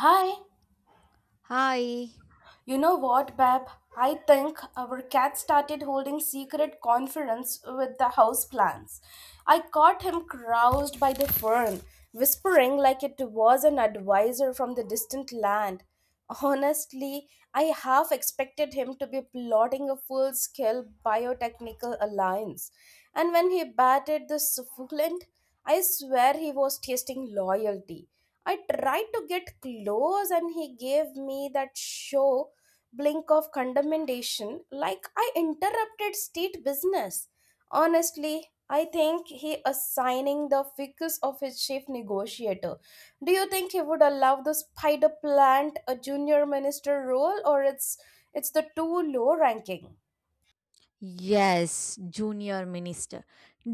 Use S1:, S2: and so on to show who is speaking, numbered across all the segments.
S1: Hi,
S2: Hi.
S1: you know what, Bab? I think our cat started holding secret conference with the house plants. I caught him roused by the fern, whispering like it was an advisor from the distant land. Honestly, I half expected him to be plotting a full scale biotechnical alliance. And when he batted the succulent, I swear he was tasting loyalty. I tried to get close and he gave me that show blink of condemnation like I interrupted state business. Honestly, I think he assigning the focus of his chief negotiator. Do you think he would allow the spider plant a junior minister role or it's the too low ranking?
S2: Yes, junior minister.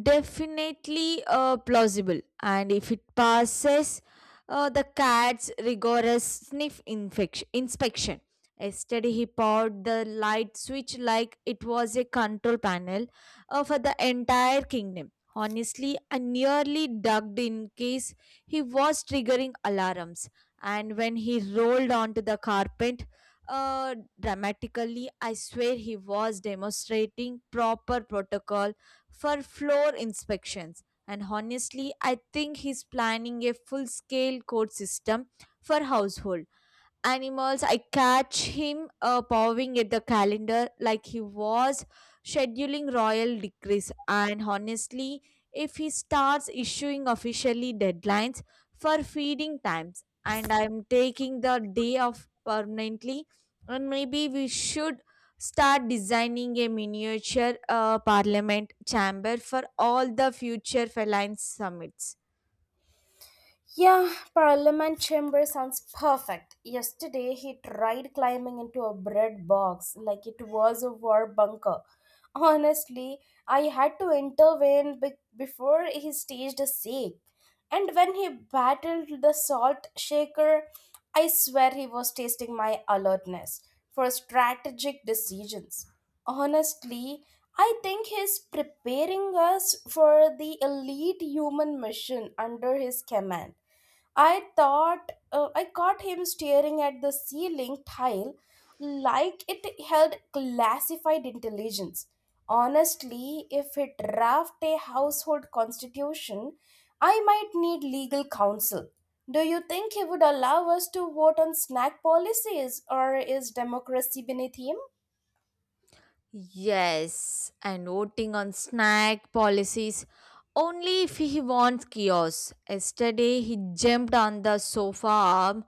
S2: Definitely plausible. And if it passes the cat's rigorous inspection. Yesterday, he powered the light switch like it was a control panel for the entire kingdom. Honestly, I nearly ducked in case he was triggering alarms. And when he rolled onto the carpet, dramatically, I swear he was demonstrating proper protocol for floor inspections. And honestly, I think he's planning a full scale code system for household animals. I catch him pawing at the calendar like he was scheduling royal decrees. And honestly, if he starts issuing officially deadlines for feeding times, and I'm taking the day off permanently. And maybe we should start designing a miniature parliament chamber for all the future feline summits.
S1: Yeah, Parliament chamber sounds perfect. Yesterday he tried climbing into a bread box like it was a war bunker. Honestly, I had to intervene before he staged a siege. And when he battled the salt shaker, I swear he was tasting my alertness for strategic decisions. Honestly, I think he's preparing us for the elite human mission under his command. I caught him staring at the ceiling tile like it held classified intelligence. Honestly, if it draft a household constitution, I might need legal counsel. Do you think he would allow us to vote on snack policies or is democracy beneath him?
S2: Yes, and voting on snack policies only if he wants chaos. Yesterday he jumped on the sofa arm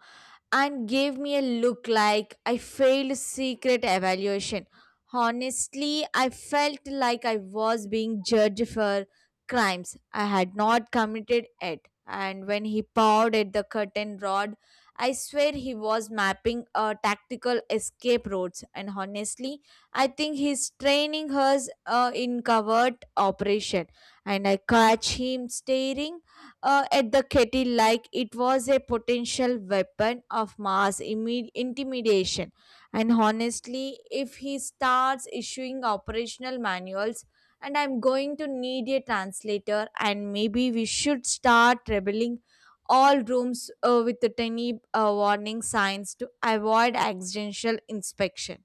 S2: and gave me a look like I failed secret evaluation. Honestly, I felt like I was being judged for crimes I had not committed yet. And when he pawed at the curtain rod, I swear he was mapping a tactical escape routes. And honestly, I think he's training us in covert operation. And I catch him staring at the kettle like it was a potential weapon of mass intimidation. And honestly, if he starts issuing operational manuals, and I'm going to need a translator. And maybe we should start rebelling all rooms with the tiny warning signs to avoid accidental inspection.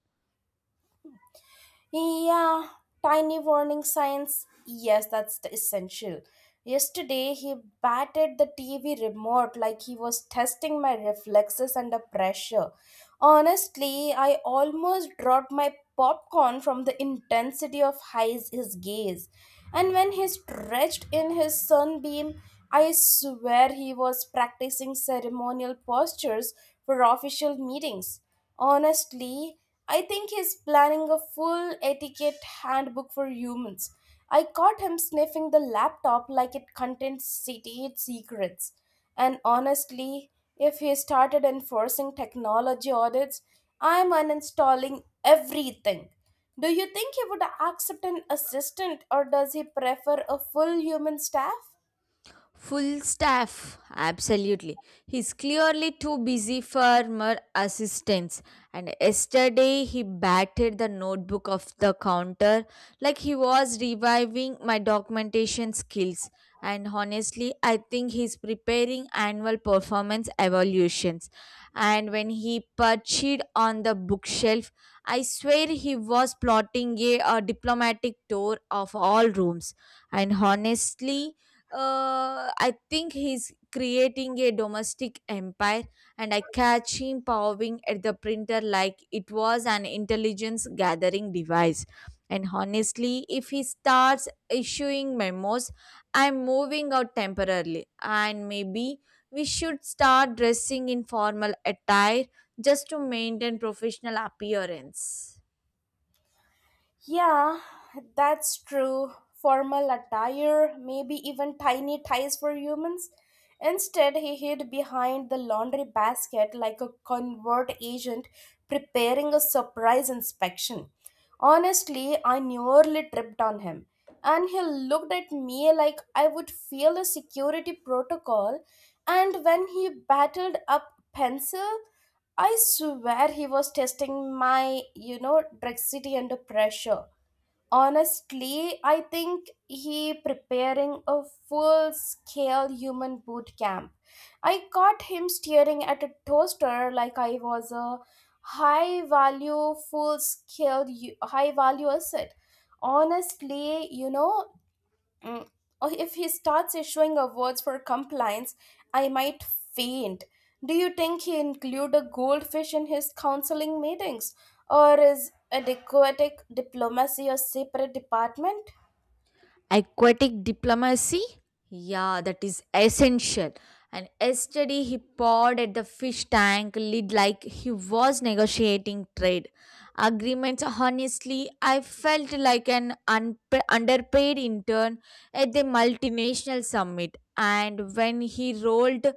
S1: Yeah, tiny warning signs. Yes, that's the essential. Yesterday, he batted the TV remote like he was testing my reflexes under pressure. Honestly, I almost dropped my popcorn from the intensity of his gaze. And when he stretched in his sunbeam, I swear he was practicing ceremonial postures for official meetings. Honestly, I think he's planning a full etiquette handbook for humans. I caught him sniffing the laptop like it contained state secrets. And honestly, if he started enforcing technology audits, I'm uninstalling everything. Do you think he would accept an assistant or does he prefer a full human staff?
S2: Full staff, absolutely. He's clearly too busy for more assistance. And yesterday he batted the notebook off the counter like he was reviving my documentation skills. And honestly, I think he's preparing annual performance evaluations. And when he perched on the bookshelf, I swear he was plotting a diplomatic tour of all rooms. And honestly, I think he's creating a domestic empire. And I catch him powering at the printer like it was an intelligence gathering device. And honestly, if he starts issuing memos, I'm moving out temporarily. And maybe we should start dressing in formal attire just to maintain professional appearance.
S1: Yeah, that's true. Formal attire, maybe even tiny ties for humans. Instead, he hid behind the laundry basket like a covert agent preparing a surprise inspection. Honestly, I nearly tripped on him. And he looked at me like I would fail a security protocol. And when he battled up pencil, I swear he was testing my drexity under pressure. Honestly, I think he preparing a full scale human boot camp. I caught him staring at a toaster like I was a high value full scale high value asset. Honestly, Mm, or if he starts issuing awards for compliance, I might faint. Do you think he include a goldfish in his counseling meetings, or is adequate diplomacy a separate department?
S2: Aquatic diplomacy, yeah, that is essential. And yesterday he pawed at the fish tank lid like he was negotiating trade agreements. Honestly, I felt like an unpa underpaid intern at the multinational summit. And when he rolled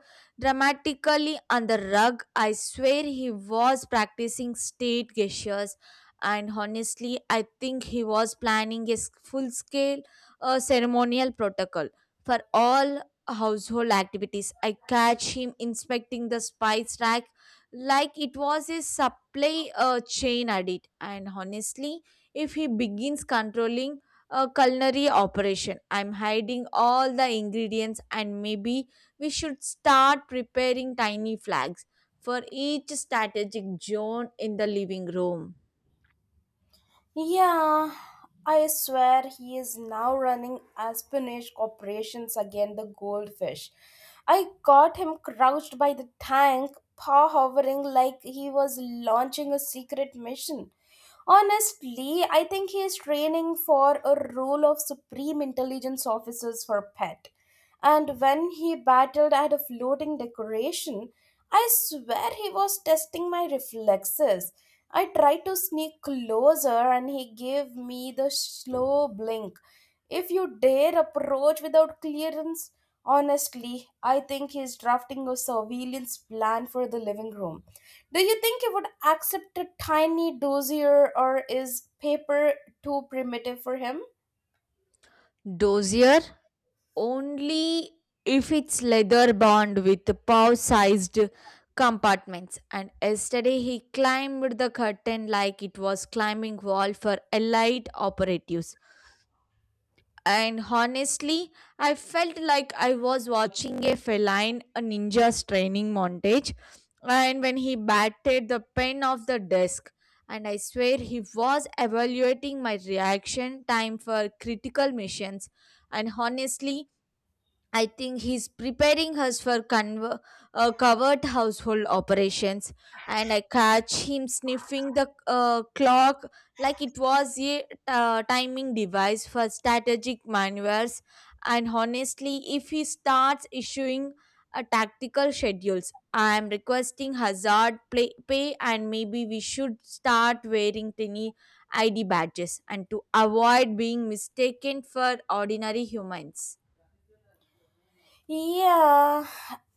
S2: dramatically on the rug, I swear he was practicing state gestures. And honestly, I think he was planning a full scale, a ceremonial protocol for all household activities. I catch him inspecting the spice rack like it was a supply chain audit. And honestly, if he begins controlling a culinary operation, I'm hiding all the ingredients. And maybe we should start preparing tiny flags for each strategic zone in the living room.
S1: Yeah, I swear he is now running Aspenish operations again. The goldfish. I caught him crouched by the tank, paw hovering like he was launching a secret mission. Honestly, I think he is training for a role of supreme intelligence officers for pet. And when he battled at a floating decoration, I swear he was testing my reflexes. I tried to sneak closer and he gave me the slow blink. If you dare approach without clearance, honestly, I think he's drafting a surveillance plan for the living room. Do you think you would accept a tiny dossier, or is paper too primitive for him?
S2: Dozier only if it's leather bound with paw sized compartments. And yesterday he climbed the curtain like it was climbing wall for elite operatives. And honestly, I felt like I was watching a feline, a ninja's training montage. And when he batted the pen off the desk, and I swear he was evaluating my reaction time for critical missions. And honestly, I think he's preparing us for covert household operations. And I catch him sniffing the clock like it was a timing device for strategic maneuvers. And honestly, if he starts issuing tactical schedules, I am requesting pay. And maybe we should start wearing tiny ID badges and to avoid being mistaken for ordinary humans.
S1: Yeah,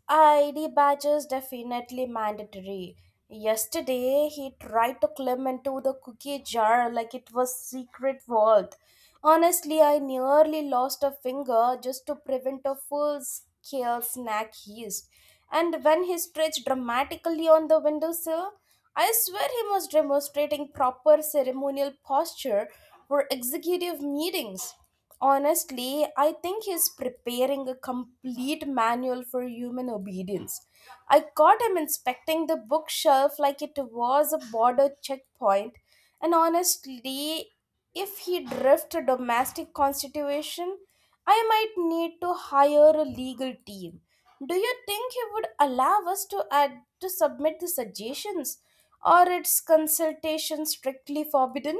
S1: ID badges definitely mandatory. Yesterday, he tried to climb into the cookie jar like it was secret vault. Honestly, I nearly lost a finger just to prevent a full-scale snack heist. And when he stretched dramatically on the windowsill, I swear he was demonstrating proper ceremonial posture for executive meetings. Honestly, I think he's preparing a complete manual for human obedience. I caught him inspecting the bookshelf like it was a border checkpoint, and honestly, if he drifts a domestic constitution, I might need to hire a legal team. Do you think he would allow us to add to submit the suggestions, or its consultation strictly forbidden?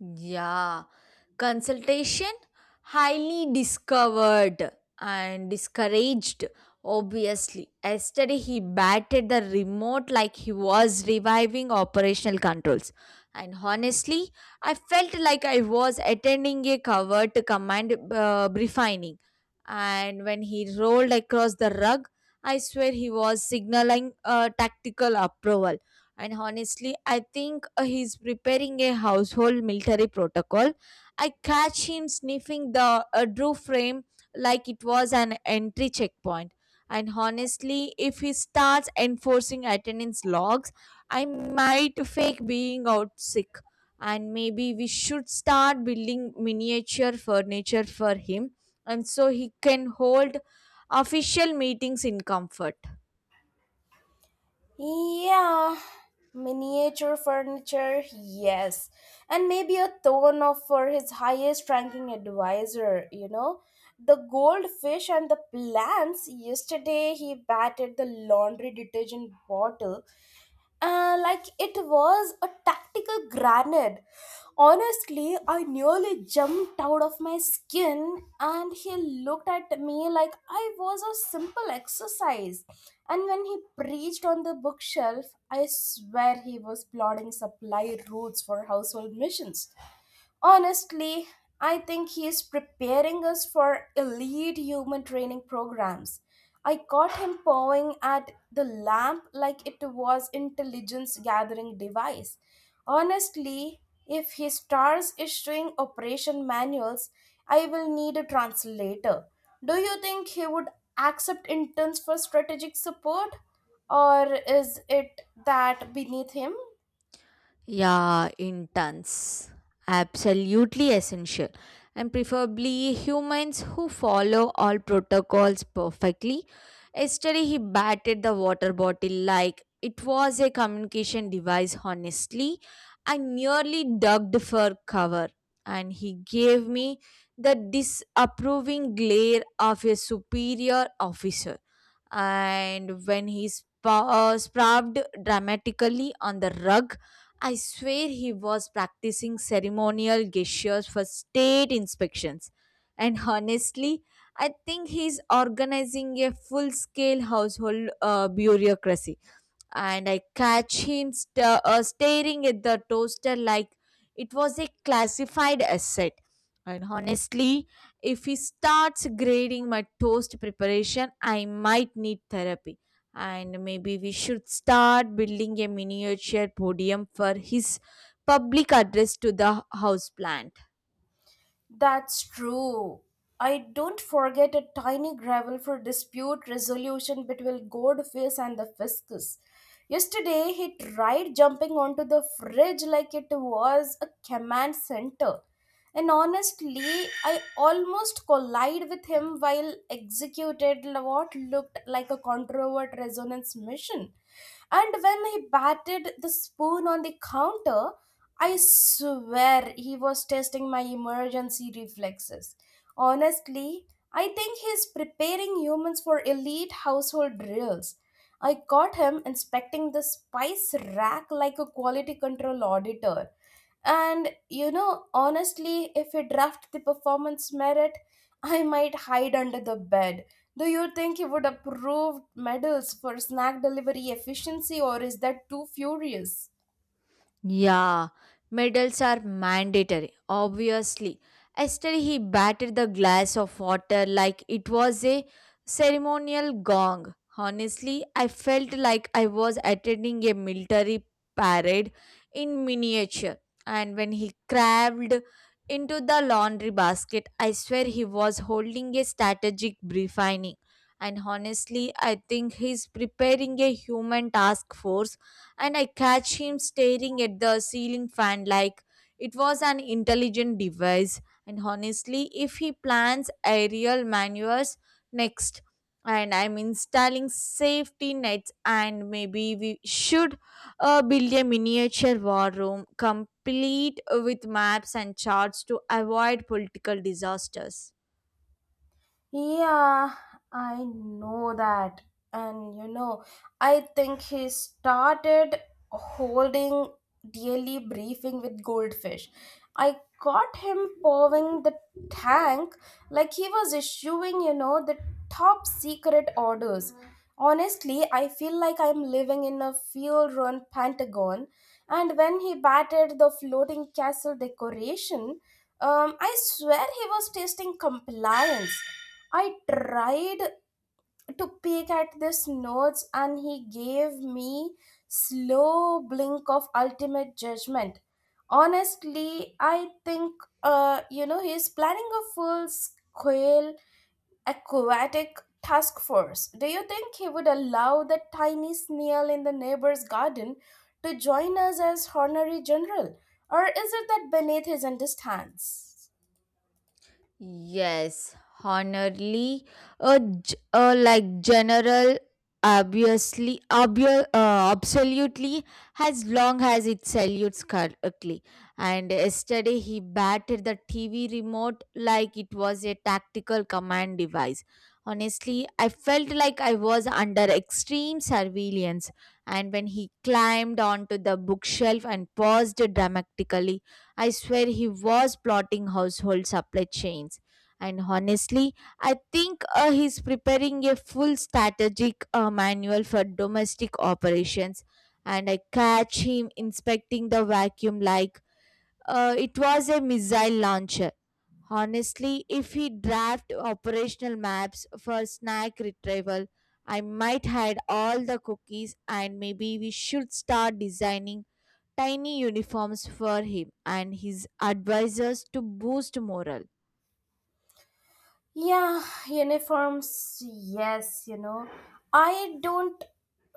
S2: Yeah, consultation highly discovered and discouraged, obviously. Yesterday, he batted the remote like he was reviving operational controls. And honestly, I felt like I was attending a covert command briefing. And when he rolled across the rug, I swear he was signaling tactical approval. And honestly, I think he's preparing a household military protocol. I catch him sniffing the Drew frame like it was an entry checkpoint. And honestly, if he starts enforcing attendance logs, I might fake being out sick. And maybe we should start building miniature furniture for him and so he can hold official meetings in comfort.
S1: Yeah, miniature furniture, yes. And maybe a throne of for his highest ranking advisor, you know. The goldfish and the plants. Yesterday he batted the laundry detergent bottle. Like it was a tactical grenade. Honestly, I nearly jumped out of my skin, and he looked at me like I was a simple exercise. And when he preached on the bookshelf, I swear he was plotting supply routes for household missions. Honestly, I think he is preparing us for elite human training programs. I caught him pawing at the lamp like it was intelligence gathering device. Honestly, if he starts issuing operation manuals, I will need a translator. Do you think he would accept interns for strategic support or is it that beneath him?
S2: Yeah, intense. Absolutely essential. And preferably humans who follow all protocols perfectly. Yesterday, he batted the water bottle like it was a communication device. Honestly, I nearly ducked for cover, and he gave me the disapproving glare of a superior officer. And when he sprawled dramatically on the rug, I swear he was practicing ceremonial gestures for state inspections. And honestly, I think he's organizing a full scale household bureaucracy. And I catch him staring at the toaster like it was a classified asset. And honestly, if he starts grading my toast preparation, I might need therapy. And maybe we should start building a miniature podium for his public address to the houseplant.
S1: That's true. I don't forget a tiny gravel for dispute resolution between Goldface and the Fiscus. Yesterday, he tried jumping onto the fridge like it was a command center. And honestly, I almost collided with him while executed what looked like a controvert resonance mission. And when he batted the spoon on the counter, I swear he was testing my emergency reflexes. Honestly, I think he's preparing humans for elite household drills. I caught him inspecting the spice rack like a quality control auditor. And you know, honestly, if he draft the performance merit, I might hide under the bed. Do you think he would approve medals for snack delivery efficiency or is that too furious?
S2: Yeah, medals are mandatory, obviously. Yesterday, he batted the glass of water like it was a ceremonial gong. Honestly, I felt like I was attending a military parade in miniature. And when he crawled into the laundry basket, I swear he was holding a strategic briefing. And honestly, I think he's preparing a human task force. And I catch him staring at the ceiling fan like it was an intelligent device. And honestly, if he plans aerial maneuvers next, and I'm installing safety nets. And maybe we should build a miniature war room complete with maps and charts to avoid political disasters.
S1: Yeah, I know that. And you know, I think he started holding daily briefing with goldfish. I caught him pouring the tank like he was issuing, you know, the top secret orders. Honestly, I feel like I'm living in a field run Pentagon. And when he batted the floating castle decoration, I swear he was tasting compliance. I tried to peek at these notes, and he gave me slow blink of ultimate judgment. Honestly, I think he's planning a full scale aquatic task force. Do you think he would allow the tiny snail in the neighbor's garden to join us as honorary general, or is it that beneath his understands?
S2: Yes, honorably, a general, absolutely, as long as it salutes correctly. And yesterday he batted the TV remote like it was a tactical command device. Honestly, I felt like I was under extreme surveillance. And when he climbed onto the bookshelf and paused dramatically, I swear he was plotting household supply chains. And honestly, I think he's preparing a full strategic manual for domestic operations. And I catch him inspecting the vacuum like it was a missile launcher. Honestly, if he draft operational maps for snack retrieval, I might hide all the cookies. And maybe we should start designing tiny uniforms for him and his advisors to boost morale.
S1: Yeah, uniforms, yes, you know. I don't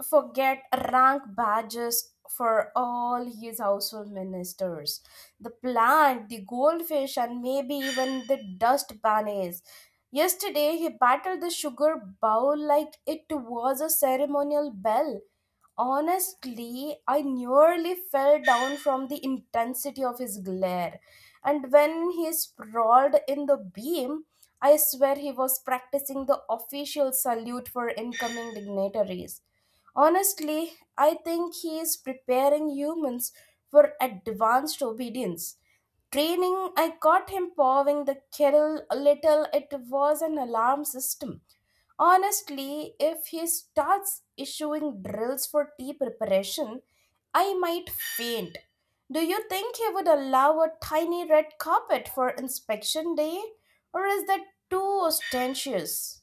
S1: forget rank badges for all his household ministers. The plant, the goldfish, and maybe even the dust bunnies. Yesterday, he battered the sugar bowl like it was a ceremonial bell. Honestly, I nearly fell down from the intensity of his glare. And when he sprawled in the beam, I swear he was practicing the official salute for incoming dignitaries. Honestly, I think he is preparing humans for advanced obedience. Training, I caught him pawing the kettle a little. It was an alarm system. Honestly, if he starts issuing drills for tea preparation, I might faint. Do you think he would allow a tiny red carpet for inspection day? Or is that too ostentatious?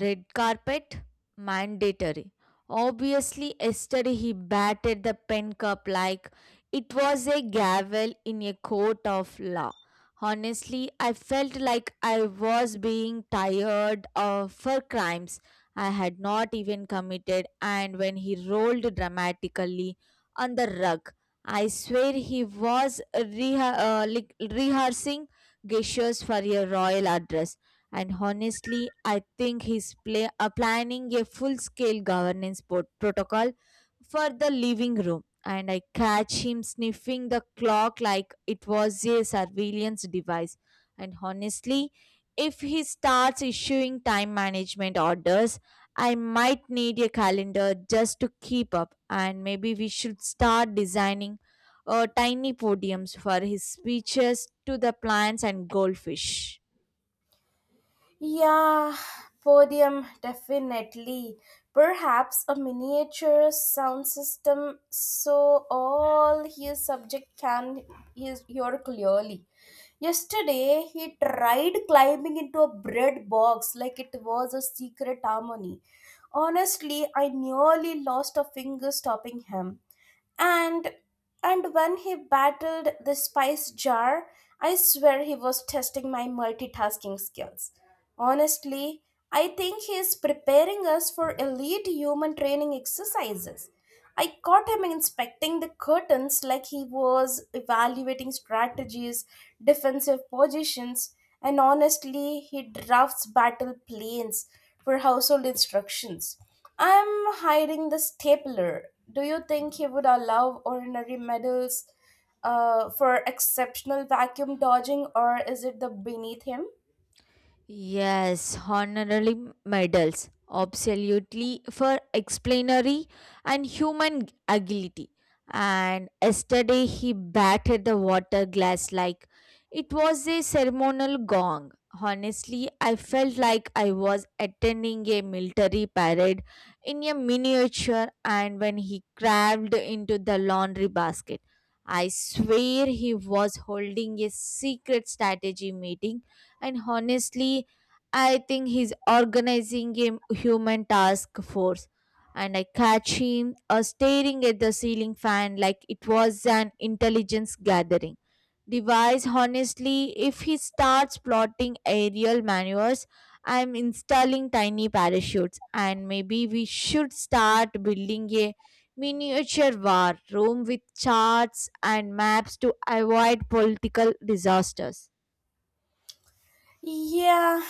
S2: Red carpet? Mandatory, obviously. Yesterday he batted the pen cup like it was a gavel in a court of law. Honestly, I felt like I was being tired of, for crimes I had not even committed. And when he rolled dramatically on the rug, I swear he was rehearsing gestures for a royal address. And honestly, I think he's planning a full scale governance protocol for the living room. And I catch him sniffing the clock like it was a surveillance device. And honestly, if he starts issuing time management orders, I might need a calendar just to keep up. And maybe we should start designing tiny podiums for his speeches to the plants and goldfish.
S1: Yeah, podium, definitely. Perhaps a miniature sound system so all his subject can hear clearly. Yesterday, he tried climbing into a bread box like it was a secret harmony. Honestly, I nearly lost a finger stopping him and and when he battled the spice jar, I swear he was testing my multitasking skills. Honestly, I think he is preparing us for elite human training exercises. I caught him inspecting the curtains like he was evaluating strategies defensive positions. And honestly, he drafts battle plans for household instructions. I'm hiding the stapler. Do you think he would allow ordinary medals for exceptional vacuum dodging, or is it the beneath him?
S2: Yes, honorary medals, absolutely, for explanatory and human agility. And yesterday he batted the water glass like it was a ceremonial gong. Honestly, I felt like I was attending a military parade in a miniature. And when he crawled into the laundry basket, I swear he was holding a secret strategy meeting. And honestly, I think he's organizing a human task force. And I catch him staring at the ceiling fan like it was an intelligence gathering device. Honestly, if he starts plotting aerial maneuvers, I'm installing tiny parachutes. And maybe we should start building a miniature war room with charts and maps to avoid political disasters.
S1: Yeah,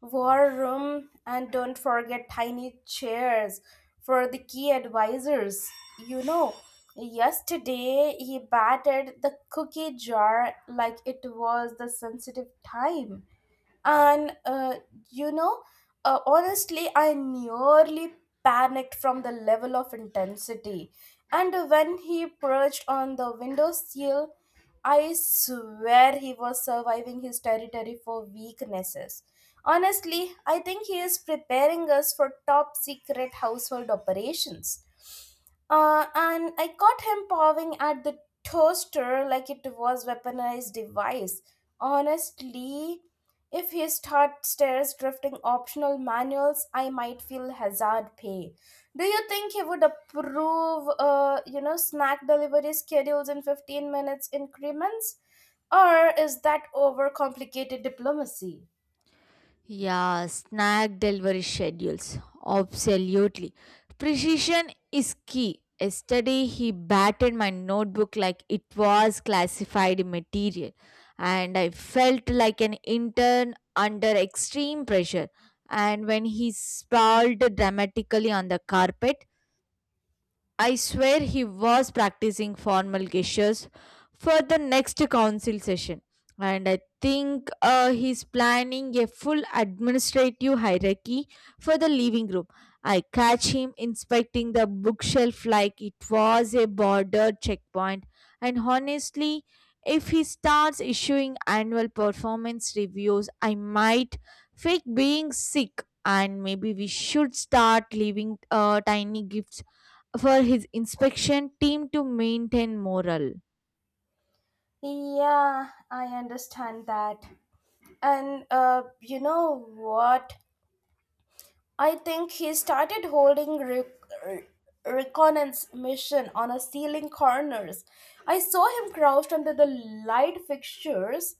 S1: war room, and don't forget tiny chairs for the key advisors. You know, yesterday he battered the cookie jar like it was the sensitive time. And you know honestly, I nearly panicked from the level of intensity. And when he perched on the window sill, I swear he was surviving his territory for weaknesses. Honestly, I think he is preparing us for top secret household operations. And I caught him pawing at the toaster like it was weaponized device. Honestly, if he starts stares drifting optional manuals, I might feel hazard pay. Do you think he would approve, snack delivery schedules in 15 minutes increments? Or is that overcomplicated diplomacy?
S2: Yeah, snack delivery schedules. Absolutely. Precision is key. Yesterday, he batted my notebook like it was classified material, and I felt like an intern under extreme pressure. And when he sprawled dramatically on the carpet, I swear he was practicing formal gestures for the next council session. And I think he's planning a full administrative hierarchy for the living room. I catch him inspecting the bookshelf like it was a border checkpoint. And honestly, if he starts issuing annual performance reviews, I might fake being sick. And maybe we should start leaving tiny gifts for his inspection team to maintain morale.
S1: Yeah, I understand that. And you know what? I think he started holding re- reconnaissance mission on a ceiling corners. I saw him crouched under the light fixtures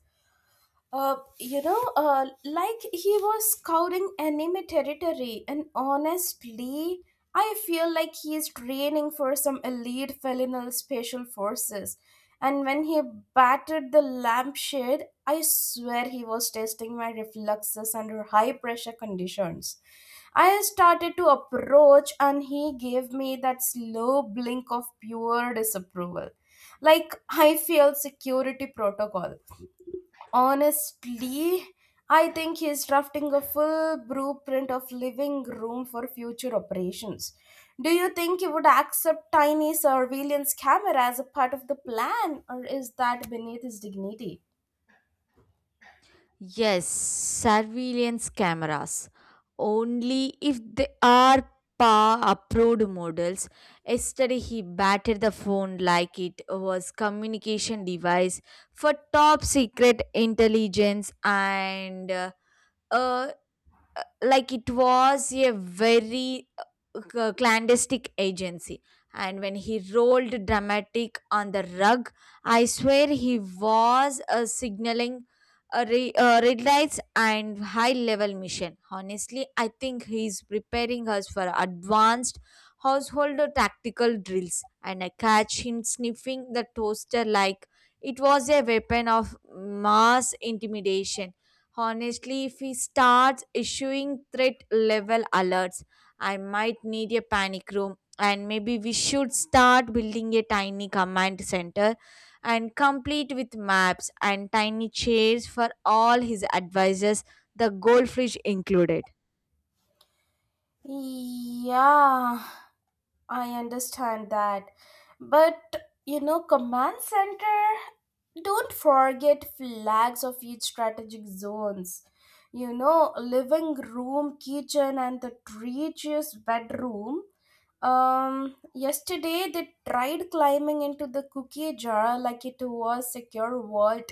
S1: like he was scouting enemy territory, and honestly, I feel like he is training for some elite felonal special forces. And when he battered the lampshade, I swear he was testing my reflexes under high pressure conditions. I started to approach, and he gave me that slow blink of pure disapproval. Like I failed security protocol. Honestly, I think he's drafting a full blueprint of living room for future operations. Do you think he would accept tiny surveillance camera as a part of the plan, or is that beneath his dignity?
S2: Yes, surveillance cameras, only if they are PA approved models. Yesterday he batted the phone like it was communication device for top secret intelligence and uh, like it was a very clandestine agency. And when he rolled dramatic on the rug, I swear he was signaling a red lights and high level mission. Honestly, I think he's preparing us for advanced household or tactical drills. And I catch him sniffing the toaster like it was a weapon of mass intimidation. Honestly, if he starts issuing threat level alerts, I might need a panic room. And maybe we should start building a tiny command center and complete with maps and tiny chairs for all his advisors, the goldfish included.
S1: Yeah, I understand that. But you know, command center, don't forget flags of each strategic zones. You know, living room, kitchen and the treacherous bedroom yesterday they tried climbing into the cookie jar like it was secure vault.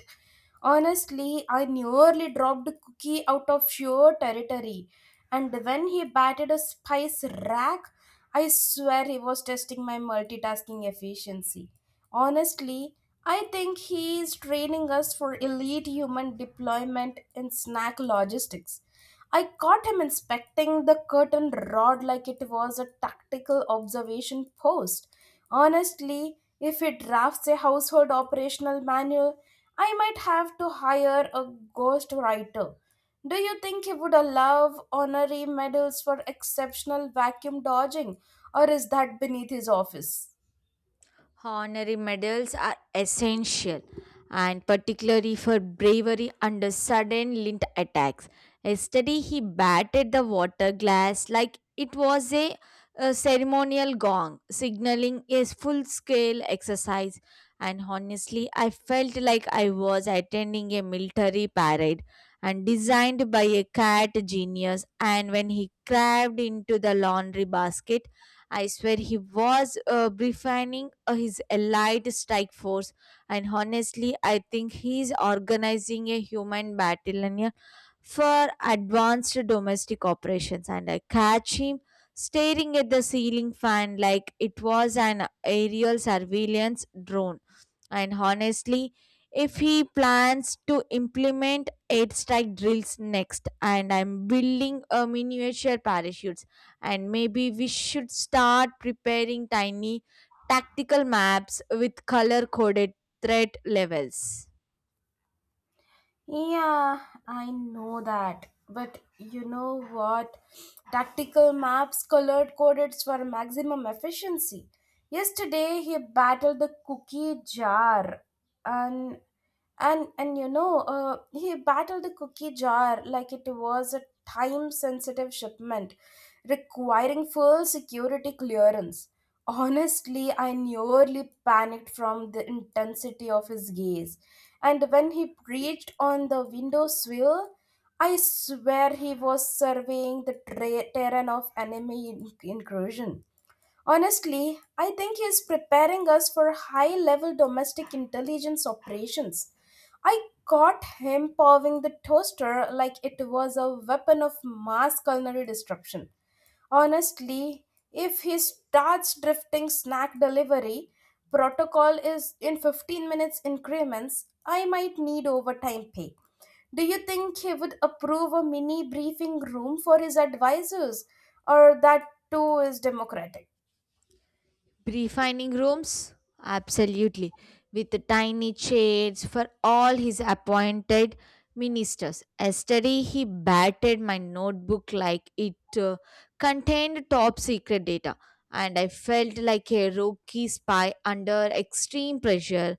S1: Honestly, I nearly dropped the cookie out of sheer territory. And when he batted a spice rack, I swear he was testing my multitasking efficiency. Honestly, I think he is training us for elite human deployment in snack logistics. I caught him inspecting the curtain rod like it was a tactical observation post. Honestly, if he drafts a household operational manual, I might have to hire a ghost writer. Do you think he would allow honorary medals for exceptional vacuum dodging, or is that beneath his office?
S2: Honorary medals are essential, and particularly for bravery under sudden lint attacks. Yesterday, he batted the water glass like it was a ceremonial gong, signaling a full scale exercise. And honestly, I felt like I was attending a military parade and designed by a cat genius. And when he craved into the laundry basket, I swear he was refining his allied strike force, and honestly, I think he's organizing a human battalion for advanced domestic operations. And I catch him staring at the ceiling fan like it was an aerial surveillance drone. And honestly, if he plans to implement eight strike drills next, and I'm building a miniature parachutes, and maybe we should start preparing tiny tactical maps with color coded threat levels.
S1: Yeah, I know that. But you know what? Tactical maps colored coded for maximum efficiency. Yesterday, he battled the cookie jar, and and he battled the cookie jar like it was a time-sensitive shipment, requiring full security clearance. Honestly, I nearly panicked from the intensity of his gaze. And when he preached on the window sill, I swear he was surveying the terrain of enemy incursion. Honestly, I think he is preparing us for high level domestic intelligence operations. I caught him pawing the toaster like it was a weapon of mass culinary destruction. Honestly, if he starts drifting snack delivery, protocol is in 15 minutes increments, I might need overtime pay. Do you think he would approve a mini briefing room for his advisors, or that too is democratic?
S2: Refining rooms? Absolutely. With the tiny chairs for all his appointed ministers. Yesterday, he battered my notebook like it contained top secret data, and I felt like a rookie spy under extreme pressure.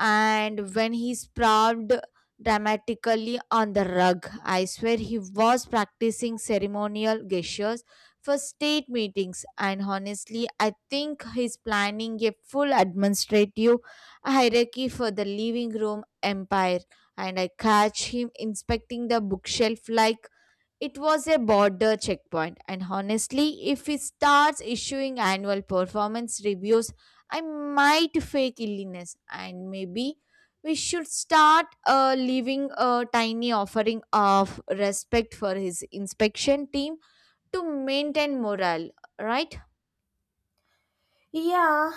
S2: And when he sprawled dramatically on the rug, I swear he was practicing ceremonial gestures for state meetings. And honestly, I think he's planning a full administrative hierarchy for the living room empire. And I catch him inspecting the bookshelf like it was a border checkpoint. And honestly, if he starts issuing annual performance reviews, I might fake illness and maybe we should start leaving a tiny offering of respect for his inspection team to maintain morale, right?
S1: Yeah,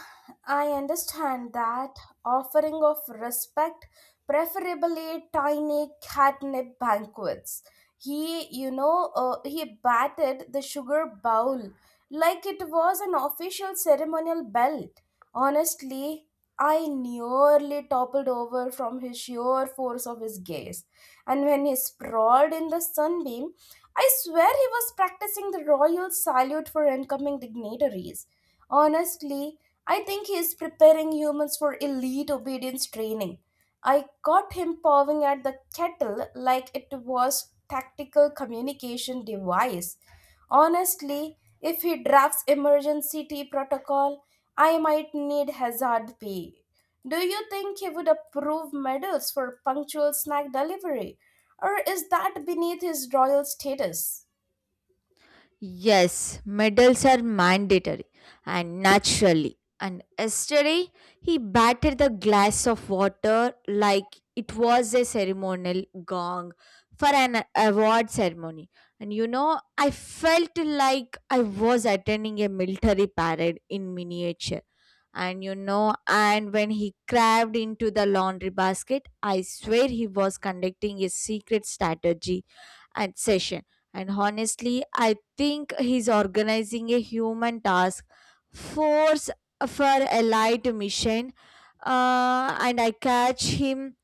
S1: I understand that offering of respect, preferably tiny catnip banquets. He batted the sugar bowl like it was an official ceremonial belt. Honestly, I nearly toppled over from his sheer force of his gaze. And when he sprawled in the sunbeam, I swear he was practicing the royal salute for incoming dignitaries. Honestly, I think he's preparing humans for elite obedience training. I caught him pawing at the kettle like it was tactical communication device. Honestly, if he drafts emergency tea protocol, I might need hazard pay. Do you think he would approve medals for punctual snack delivery? Or is that beneath his royal status?
S2: Yes, medals are mandatory and naturally. And yesterday he batted the glass of water like it was a ceremonial gong for an award ceremony. And you know, I felt like I was attending a military parade in miniature. And you know, and when he crawled into the laundry basket, I swear he was conducting a secret strategy and session and honestly, I think he's organizing a human task force for allied mission. And I catch him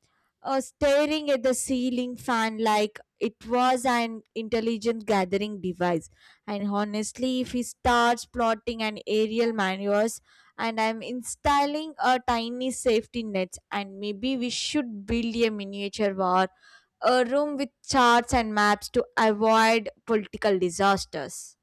S2: staring at the ceiling fan like it was an intelligent gathering device. And honestly, if he starts plotting an aerial maneuvers, and I'm installing a tiny safety net, and maybe we should build a miniature war a room with charts and maps to avoid political disasters.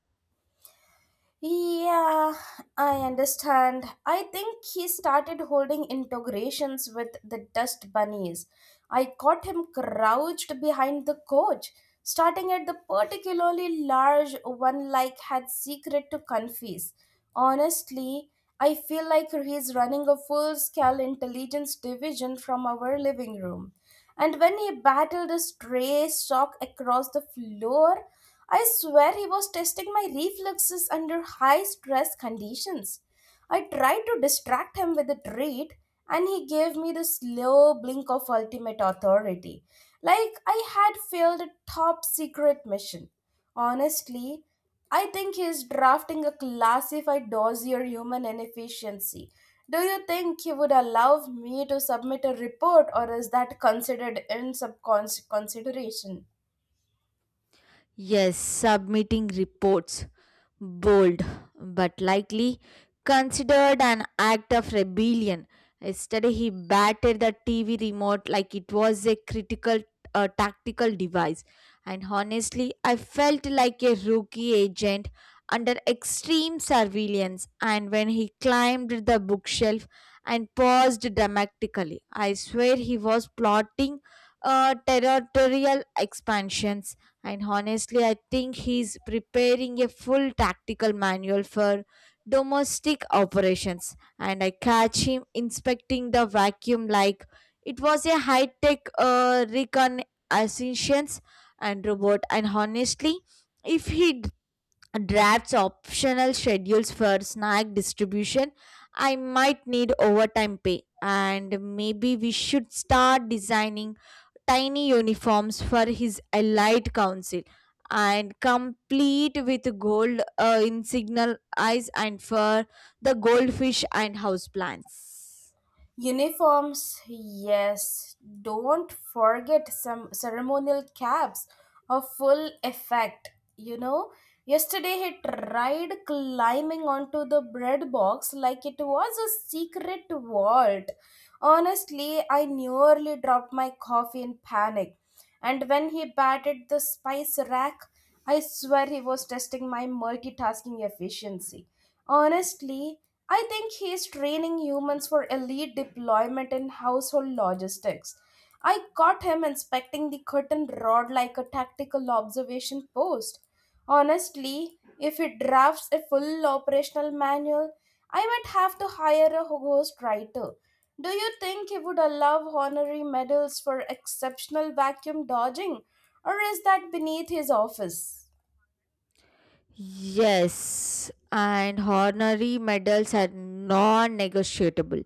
S1: Yeah, I understand. I think he started holding integrations with the dust bunnies. I caught him crouched behind the coach, starting at the particularly large one like had secret to confess. Honestly, I feel like he's running a full scale intelligence division from our living room. And when he battled a stray sock across the floor, I swear he was testing my reflexes under high stress conditions. I tried to distract him with a treat, and he gave me the slow blink of ultimate authority, like I had failed a top secret mission. Honestly, I think he is drafting a classified dossier human inefficiency. Do you think he would allow me to submit a report, or is that considered in subcons consideration?
S2: Yes, submitting reports. Bold, but likely considered an act of rebellion. Yesterday, he battered the TV remote like it was a critical tactical device. And honestly, I felt like a rookie agent under extreme surveillance. And when he climbed the bookshelf and paused dramatically, I swear he was plotting territorial expansions and honestly, I think he's preparing a full tactical manual for domestic operations. And I catch him inspecting the vacuum like it was a high tech reconnaissance and robot. And honestly, if he d- drafts optional schedules for snack distribution, I might need overtime pay. And maybe we should start designing tiny uniforms for his allied council and complete with gold insignial eyes and for the goldfish and houseplants.
S1: Uniforms, yes. Don't forget some ceremonial caps of full effect. You know, yesterday he tried climbing onto the bread box like it was a secret vault. Honestly, I nearly dropped my coffee in panic. And when he batted the spice rack, I swear he was testing my multitasking efficiency. Honestly, I think he's training humans for elite deployment in household logistics. I caught him inspecting the curtain rod like a tactical observation post. Honestly, if he drafts a full operational manual, I might have to hire a ghost writer. Do you think he would allow honorary medals for exceptional vacuum dodging, or is that beneath his office?
S2: Yes, and honorary medals are non negotiable.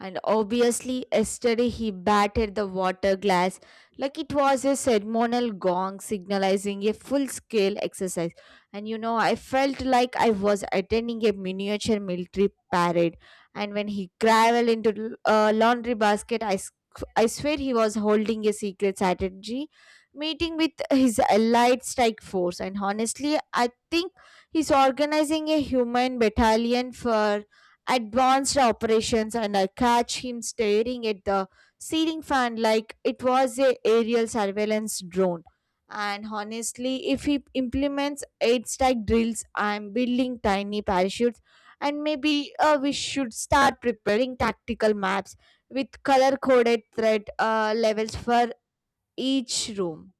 S2: And obviously, yesterday he battered the water glass like it was a ceremonial gong signalizing a full scale exercise. And you know, I felt like I was attending a miniature military parade. And when he graveled into a laundry basket, I swear he was holding a secret strategy meeting with his allied strike force. And honestly, I think he's organizing a human battalion for advanced operations, and I catch him staring at the ceiling fan like it was a aerial surveillance drone. And honestly, if he implements eight strike drills, I'm building tiny parachutes, and maybe we should start preparing tactical maps with color coded threat levels for each room.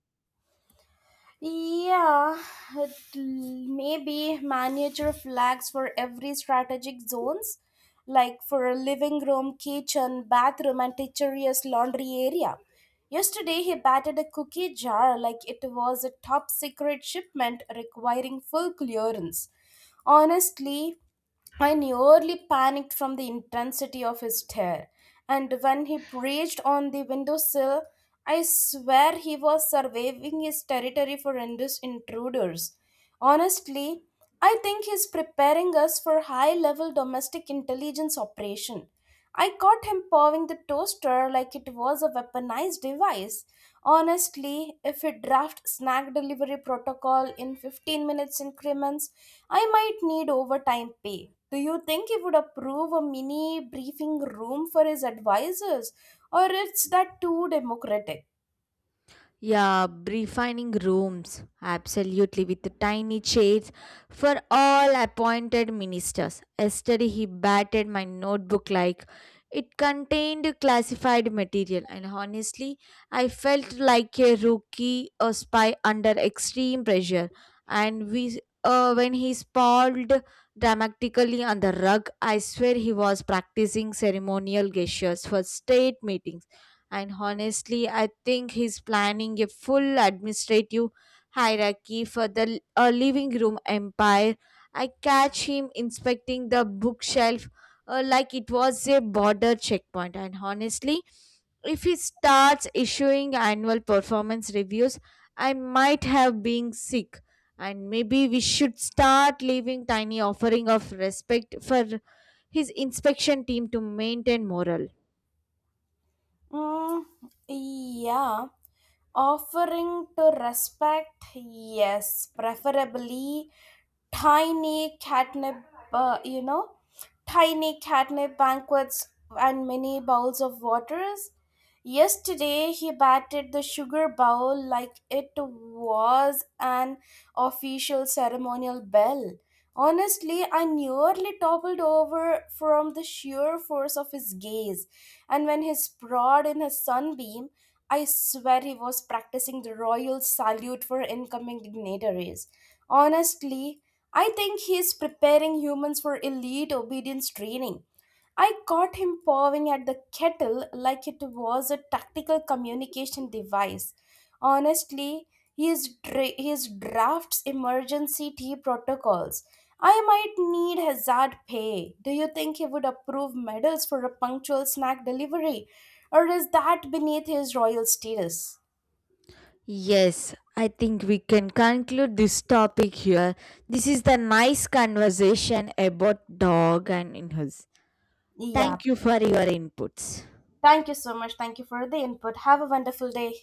S1: Yeah, it l- Maybe miniature flags for every strategic zones, like for a living room, kitchen, bathroom, and teacher's laundry area. Yesterday, he batted a cookie jar like it was a top secret shipment requiring full clearance. Honestly, I nearly panicked from the intensity of his stare, and when he reached on the windowsill, I swear he was surveying his territory for Indus intruders. Honestly, I think he's preparing us for high level domestic intelligence operation. I caught him pawing the toaster like it was a weaponized device. Honestly, if we draft snack delivery protocol in 15 minutes increments, I might need overtime pay. Do you think he would approve a mini briefing room for his advisors, or it's that too democratic?
S2: Yeah, refining rooms, absolutely, with tiny chairs for all appointed ministers. Yesterday, he batted my notebook like it contained classified material, and honestly, I felt like a rookie, a spy under extreme pressure. And when he sprawled dramatically on the rug, I swear he was practicing ceremonial gestures for state meetings and honestly, I think he's planning a full administrative hierarchy for the living room empire. I catch him inspecting the bookshelf like it was a border checkpoint. And honestly, if he starts issuing annual performance reviews, I might have been sick. And maybe we should start leaving tiny offering of respect for his inspection team to maintain morale.
S1: Mm, yeah, offering to respect, yes, preferably tiny catnip, uh, you know, tiny catnip banquets and many bowls of waters. Yesterday, he batted the sugar bowl like it was an official ceremonial bell. Honestly, I nearly toppled over from the sheer force of his gaze, and when he sprawled in his sunbeam, I swear he was practicing the royal salute for incoming dignitaries. Honestly, I think he is preparing humans for elite obedience training. I caught him pawing at the kettle like it was a tactical communication device. Honestly, his drafts emergency tea protocols. I might need hazard pay. Do you think he would approve medals for a punctual snack delivery? Or is that beneath his royal status?
S2: Yes, I think we can conclude this topic here. This is the nice conversation about dog and in his.
S1: Yeah.
S2: Thank you for your inputs.
S1: Thank you so much. Thank you for the input. Have a wonderful day.